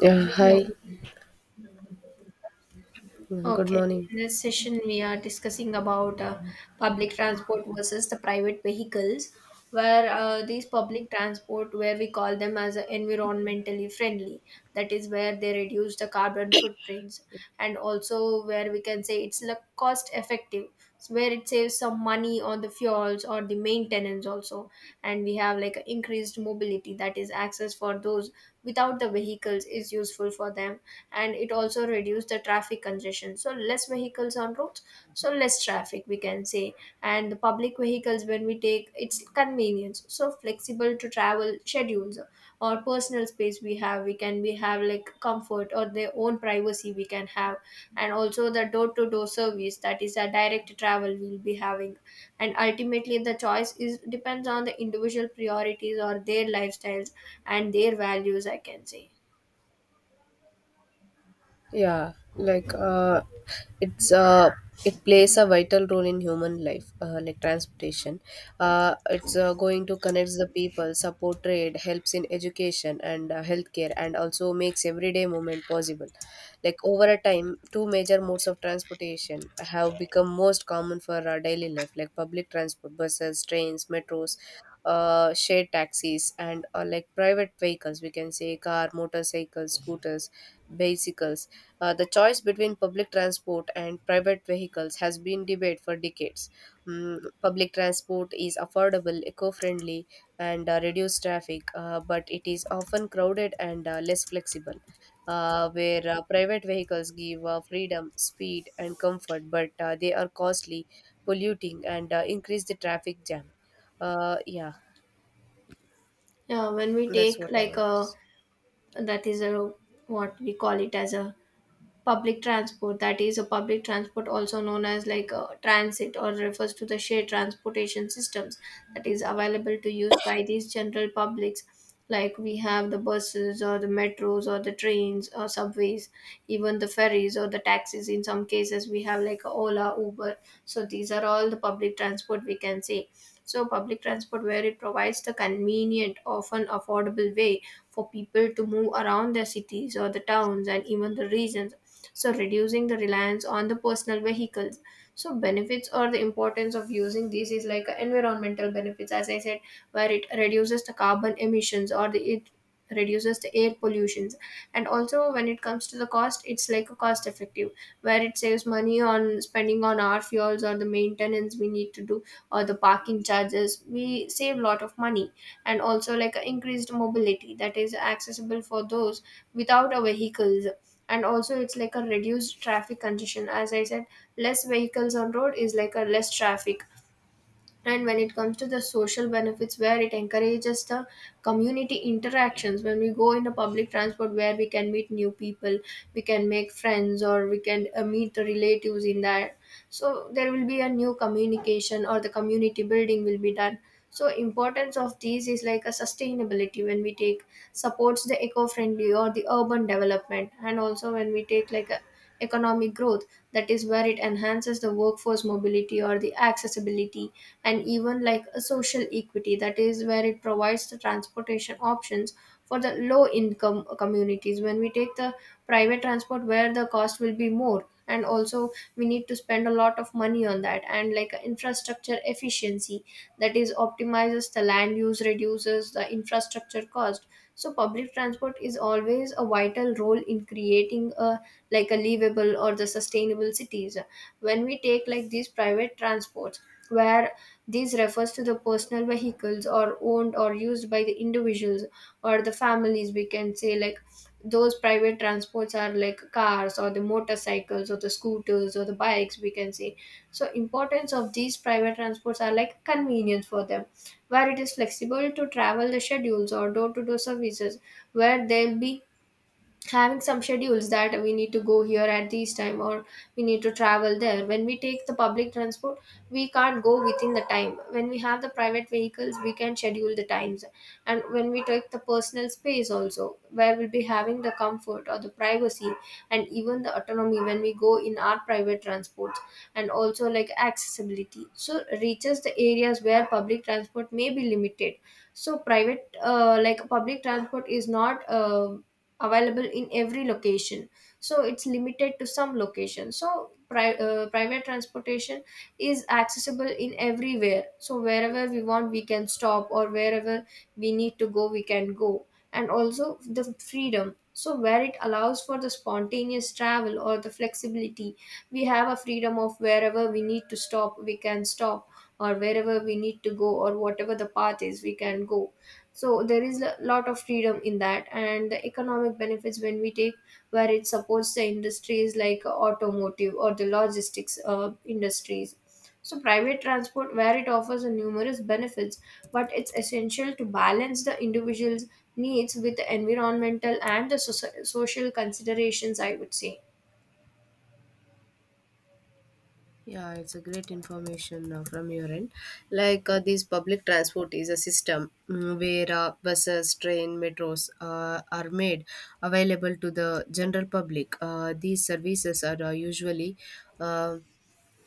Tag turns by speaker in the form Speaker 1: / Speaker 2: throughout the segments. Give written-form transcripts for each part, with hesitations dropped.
Speaker 1: Yeah,
Speaker 2: Hello.
Speaker 1: hi. Good
Speaker 2: Okay.
Speaker 1: morning.
Speaker 2: In this session, we are discussing about public transport versus the private vehicles, where these public transport, where we call them as environmentally friendly, that is where they reduce the carbon footprints, and also where we can say it's like cost effective, so where it saves some money on the fuels or the maintenance also, and we have like increased mobility, that is access for those without the vehicles is useful for them, and it also reduced the traffic congestion, so less vehicles on roads, so less traffic we can say. And the public vehicles when we take it's convenience, so flexible to travel schedules or personal space we have, we have like comfort or their own privacy we can have, and also the door to door service, that is a direct travel we'll be having. And ultimately the choice is depends on the individual priorities or their lifestyles and their values I can say.
Speaker 1: Yeah, like uh, it's uh, it plays a vital role in human life, like transportation. It's going to connect the people, support trade, helps in education and healthcare, and also makes everyday movement possible. Like over a time, two major modes of transportation have become most common for our daily life, like public transport, buses, trains, metros. Shared taxis and like private vehicles, we can say car, motorcycles, scooters, bicycles. The choice between public transport and private vehicles has been debated for decades. Mm, public transport is affordable, eco friendly, and reduces traffic, but it is often crowded and less flexible. Where private vehicles give freedom, speed, and comfort, but they are costly, polluting, and increase the traffic jam. Uh, yeah,
Speaker 2: Yeah, when we
Speaker 1: that's
Speaker 2: take
Speaker 1: what I
Speaker 2: like
Speaker 1: want to
Speaker 2: a,
Speaker 1: say.
Speaker 2: that is a what we call it as a public transport, that is a public transport also known as like a transit or refers to the shared transportation systems that is available to use by these general publics. Like we have the buses or the metros or the trains or subways, even the ferries or the taxis. In some cases, we have like a Ola, Uber. So these are all the public transport we can say. So, public transport, where it provides the convenient, often affordable way for people to move around their cities or the towns and even the regions. So, reducing the reliance on the personal vehicles. So, benefits or the importance of using these is like environmental benefits, as I said, where it reduces the carbon emissions or the it reduces the air pollutions. And also when it comes to the cost it's like a cost effective, where it saves money on spending on our fuels or the maintenance we need to do or the parking charges, we save a lot of money. And also like a increased mobility, that is accessible for those without a vehicles. And also it's like a reduced traffic congestion, as I said, less vehicles on road is like a less traffic. And when it comes to the social benefits, where it encourages the community interactions, when we go in a public transport where we can meet new people, we can make friends, or we can meet the relatives in that. So there will be a new communication or the community building will be done. So importance of these is like a sustainability when we take, supports the eco-friendly or the urban development. And also when we take like a economic growth, that is where it enhances the workforce mobility or the accessibility. And even like a social equity, that is where it provides the transportation options for the low income communities. When we take the private transport, where the cost will be more, and also we need to spend a lot of money on that. And like infrastructure efficiency, that is optimizes the land use, reduces the infrastructure cost. So public transport is always a vital role in creating a like a livable or the sustainable cities. When we take like these private transports, where these refers to the personal vehicles or owned or used by the individuals or the families we can say. Like those private transports are like cars or the motorcycles or the scooters or the bikes we can say. So importance of these private transports are like convenience for them, where it is flexible to travel the schedules or door to door services, where they'll be having some schedules that we need to go here at this time, or we need to travel there. When we take the public transport, we can't go within the time. When we have the private vehicles, we can schedule the times. And when we take the personal space also, where we'll be having the comfort or the privacy and even the autonomy when we go in our private transports. And also like accessibility, so reaches the areas where public transport may be limited. So private like public transport is not available in every location, so it's limited to some location. So private transportation is accessible in everywhere, so wherever we want we can stop, or wherever we need to go we can go. And also the freedom, so where it allows for the spontaneous travel or the flexibility, we have a freedom of wherever we need to stop we can stop, or wherever we need to go, or whatever the path is we can go. So there is a lot of freedom in that. And the economic benefits when we take, where it supports the industries like automotive or the logistics industries. So private transport, where it offers a numerous benefits, but it's essential to balance the individual's needs with the environmental and the social considerations I would say.
Speaker 1: Yeah, it's a great information from your end. This public transport is a system, mm, where buses, train, metros are made available to the general public. These services are usually uh,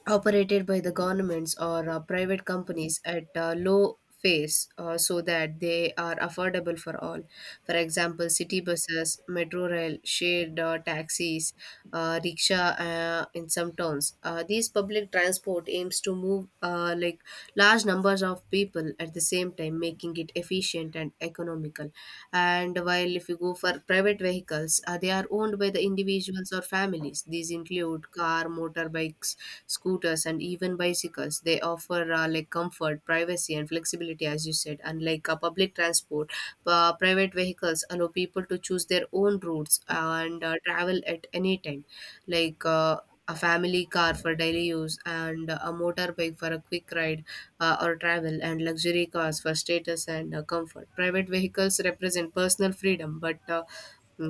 Speaker 1: operated by the governments or private companies at low fares so that they are affordable for all. For example, city buses, metro rail, shared taxis, rickshaw in some towns. These public transport aims to move like large numbers of people at the same time, making it efficient and economical. And while if you go for private vehicles, they are owned by the individuals or families. These include car, motorbikes, scooters, and even bicycles. They offer like comfort, privacy, and flexibility, as you said. Unlike public transport, private vehicles allow people to choose their own routes and travel at any time, like uh, a family car for daily use and a motorbike for a quick ride or travel, and luxury cars for status and comfort. Private vehicles represent personal freedom, but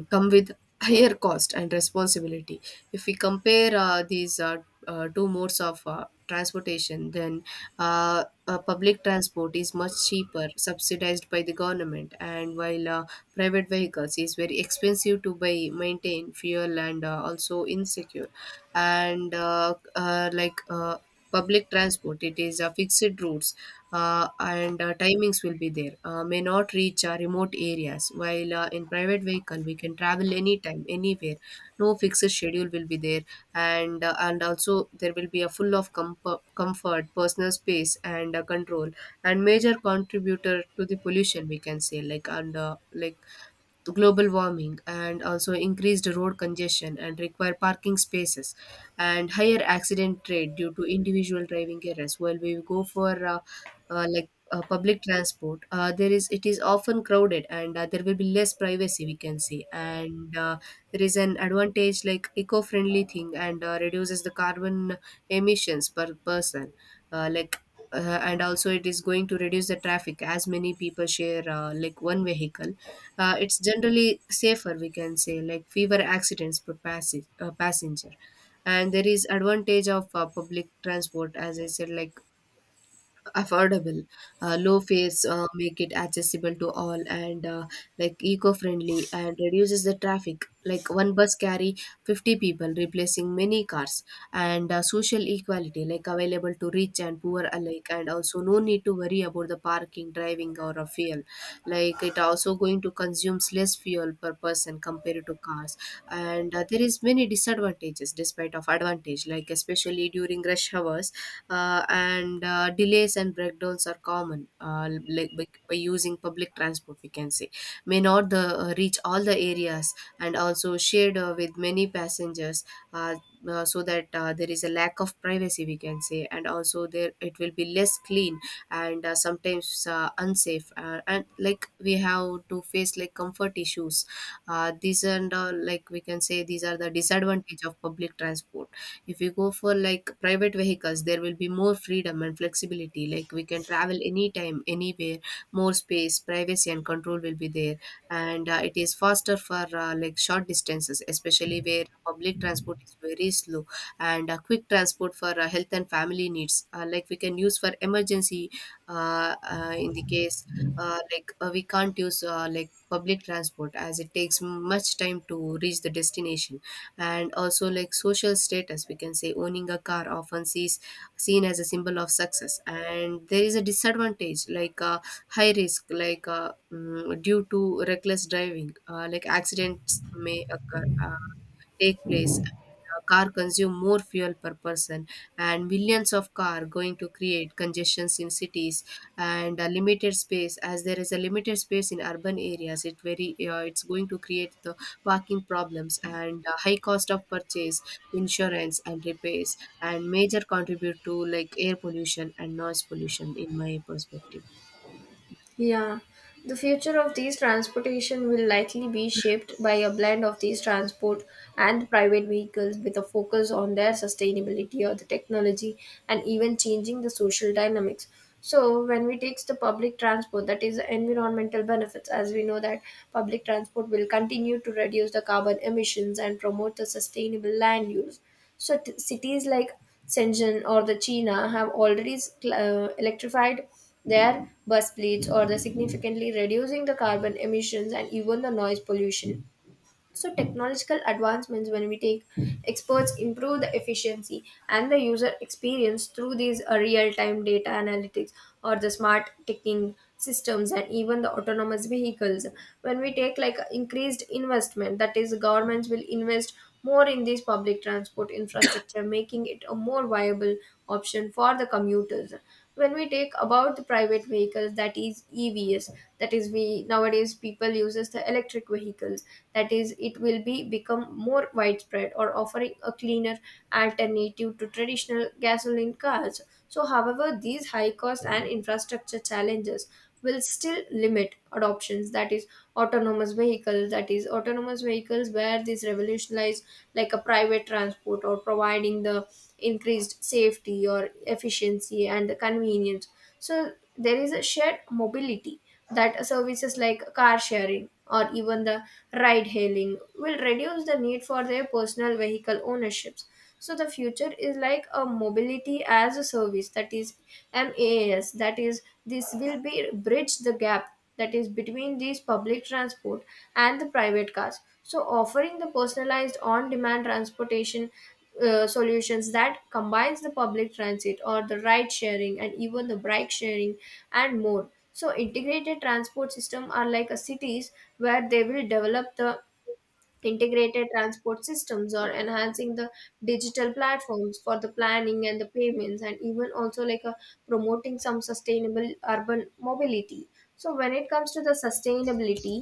Speaker 1: come with higher cost and responsibility. If we compare these two modes of transportation, then public transport is much cheaper, subsidized by the government, and while private vehicles is very expensive to buy, maintain, fuel, and also insecure, and public transport, it is fixed routes and timings will be there, may not reach remote areas, while in private vehicle we can travel anytime, anywhere, no fixed schedule will be there. And also there will be a full of comfort, comfort, personal space, and control, and major contributor to the pollution, we can say, like, and like global warming, and also increased road congestion and require parking spaces, and higher accident rate due to individual driving errors. While we go for public transport, there is, it is often crowded, and there will be less privacy, we can say. And there is an advantage, like eco-friendly thing, and reduces the carbon emissions per person. Uh, like uh, and also it is going to reduce the traffic, as many people share like one vehicle. It's generally safer, we can say, like fewer accidents per passenger. And there is advantage of public transport, as I said, like affordable, low fares make it accessible to all, and like eco-friendly and reduces the traffic, like one bus carry 50 people replacing many cars. And social equality, like available to rich and poor alike, and also no need to worry about the parking, driving, or a fuel, like it also going to consumes less fuel per person compared to cars. And there is many disadvantages despite of advantage, like especially during rush hours, and delays and breakdowns are common, like by using public transport, we can say, may not reach all the areas, and also shared with many passengers, uh, so that there is a lack of privacy, we can say, and also there it will be less clean, and sometimes unsafe, and like we have to face like comfort issues, these, and like, we can say these are the disadvantage of public transport. If we go for like private vehicles, there will be more freedom and flexibility, like we can travel anytime, anywhere, more space, privacy, and control will be there. And it is faster for like short distances, especially where public transport is very slow, and quick transport for health and family needs, like we can use for emergency in the case. We can't use like public transport as it takes much time to reach the destination. And also like social status, we can say, owning a car often sees seen as a symbol of success. And there is a disadvantage, like high risk, like due to reckless driving, like accidents may occur, take place. A car consume more fuel per person, and millions of car going to create congestions in cities and a limited space. As there is a limited space in urban areas, it's going to create the parking problems, and high cost of purchase, insurance, and repairs, and major contribute to like air pollution and noise pollution, in my perspective.
Speaker 2: Yeah, the future of these transportation will likely be shaped by a blend of these transport and private vehicles with a focus on their sustainability or the technology and even changing the social dynamics. So when we take the public transport, that is the environmental benefits, as we know that public transport will continue to reduce the carbon emissions and promote the sustainable land use. Shut cities like Shenzhen or the China have already electrified their bus fleets or the significantly reducing the carbon emissions and even the noise pollution. So technological advancements when we take, experts improve the efficiency and the user experience through these real-time data analytics or the smart ticking systems and even the autonomous vehicles. When we take like increased investment, that is governments will invest more in this public transport infrastructure, making it a more viable option for the commuters. When we take about the private vehicles, that is EVs, that is we nowadays people uses the electric vehicles. That is, it will be become more widespread or offering a cleaner alternative to traditional gasoline cars. So, however, these high costs and infrastructure challenges will still limit adoptions. That is autonomous vehicles, where these revolutionize like a private transport or providing the increased safety or efficiency and convenience. So there is a shared mobility, that services like car sharing or even the ride hailing will reduce the need for their personal vehicle ownerships. So the future is like a mobility as a service, that is maas, that is this will be bridge the gap, that is between these public transport and the private cars. So offering the personalized on demand transportation solutions that combines the public transit or the ride sharing and even the bike sharing and more. So integrated transport system are like a cities where they will develop the integrated transport systems or enhancing the digital platforms for the planning and the payments, and even also like a promoting some sustainable urban mobility. So when it comes to the sustainability,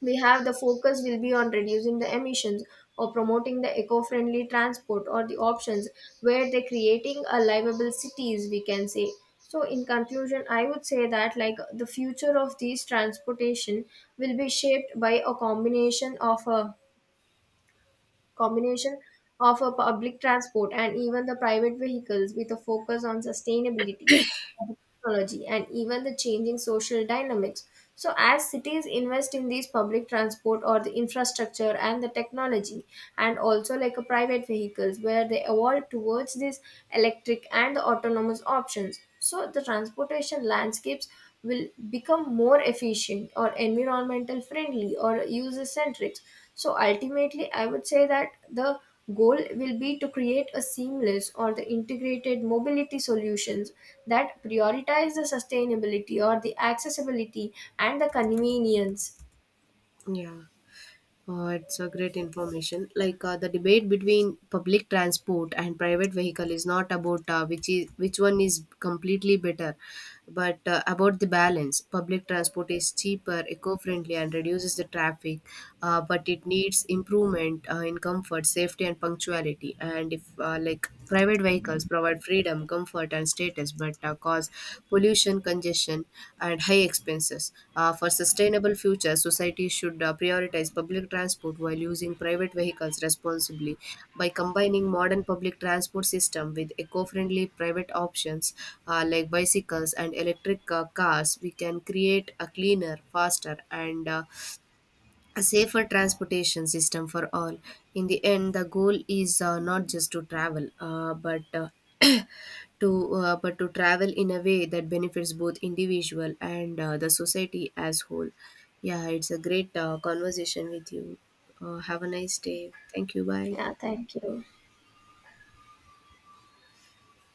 Speaker 2: we have the focus will be on reducing the emissions or promoting the eco-friendly transport or the options, where they're creating a livable cities we can say. So in conclusion I would say that like the future of these transportation will be shaped by a combination of a public transport and even the private vehicles with a focus on sustainability, technology, and even the changing social dynamics. So, as cities invest in these public transport or the infrastructure and the technology, and also like a private vehicles where they evolve towards these electric and the autonomous options. So, the transportation landscapes will become more efficient or environmental friendly or user centric. So ultimately, I would say that the goal will be to create a seamless or the integrated mobility solutions that prioritize the sustainability or the accessibility and the convenience.
Speaker 1: Yeah. Oh, it's a great information. The debate between public transport and private vehicle is not about which one is completely better, but about the balance. Public transport is cheaper, eco-friendly, and reduces the traffic, but it needs improvement in comfort, safety, and punctuality. And if private vehicles provide freedom, comfort, and status, but cause pollution, congestion, and high expenses. For sustainable future, society should prioritize public transport while using private vehicles responsibly. By combining modern public transport system with eco-friendly private options, like bicycles and electric cars, we can create a cleaner, faster, and a safer transportation system for all. In the end, the goal is not just to travel, but to travel in a way that benefits both individual and the society as whole. Yeah, it's a great conversation with you. Have a nice day. Thank you. Bye.
Speaker 2: Yeah, thank you.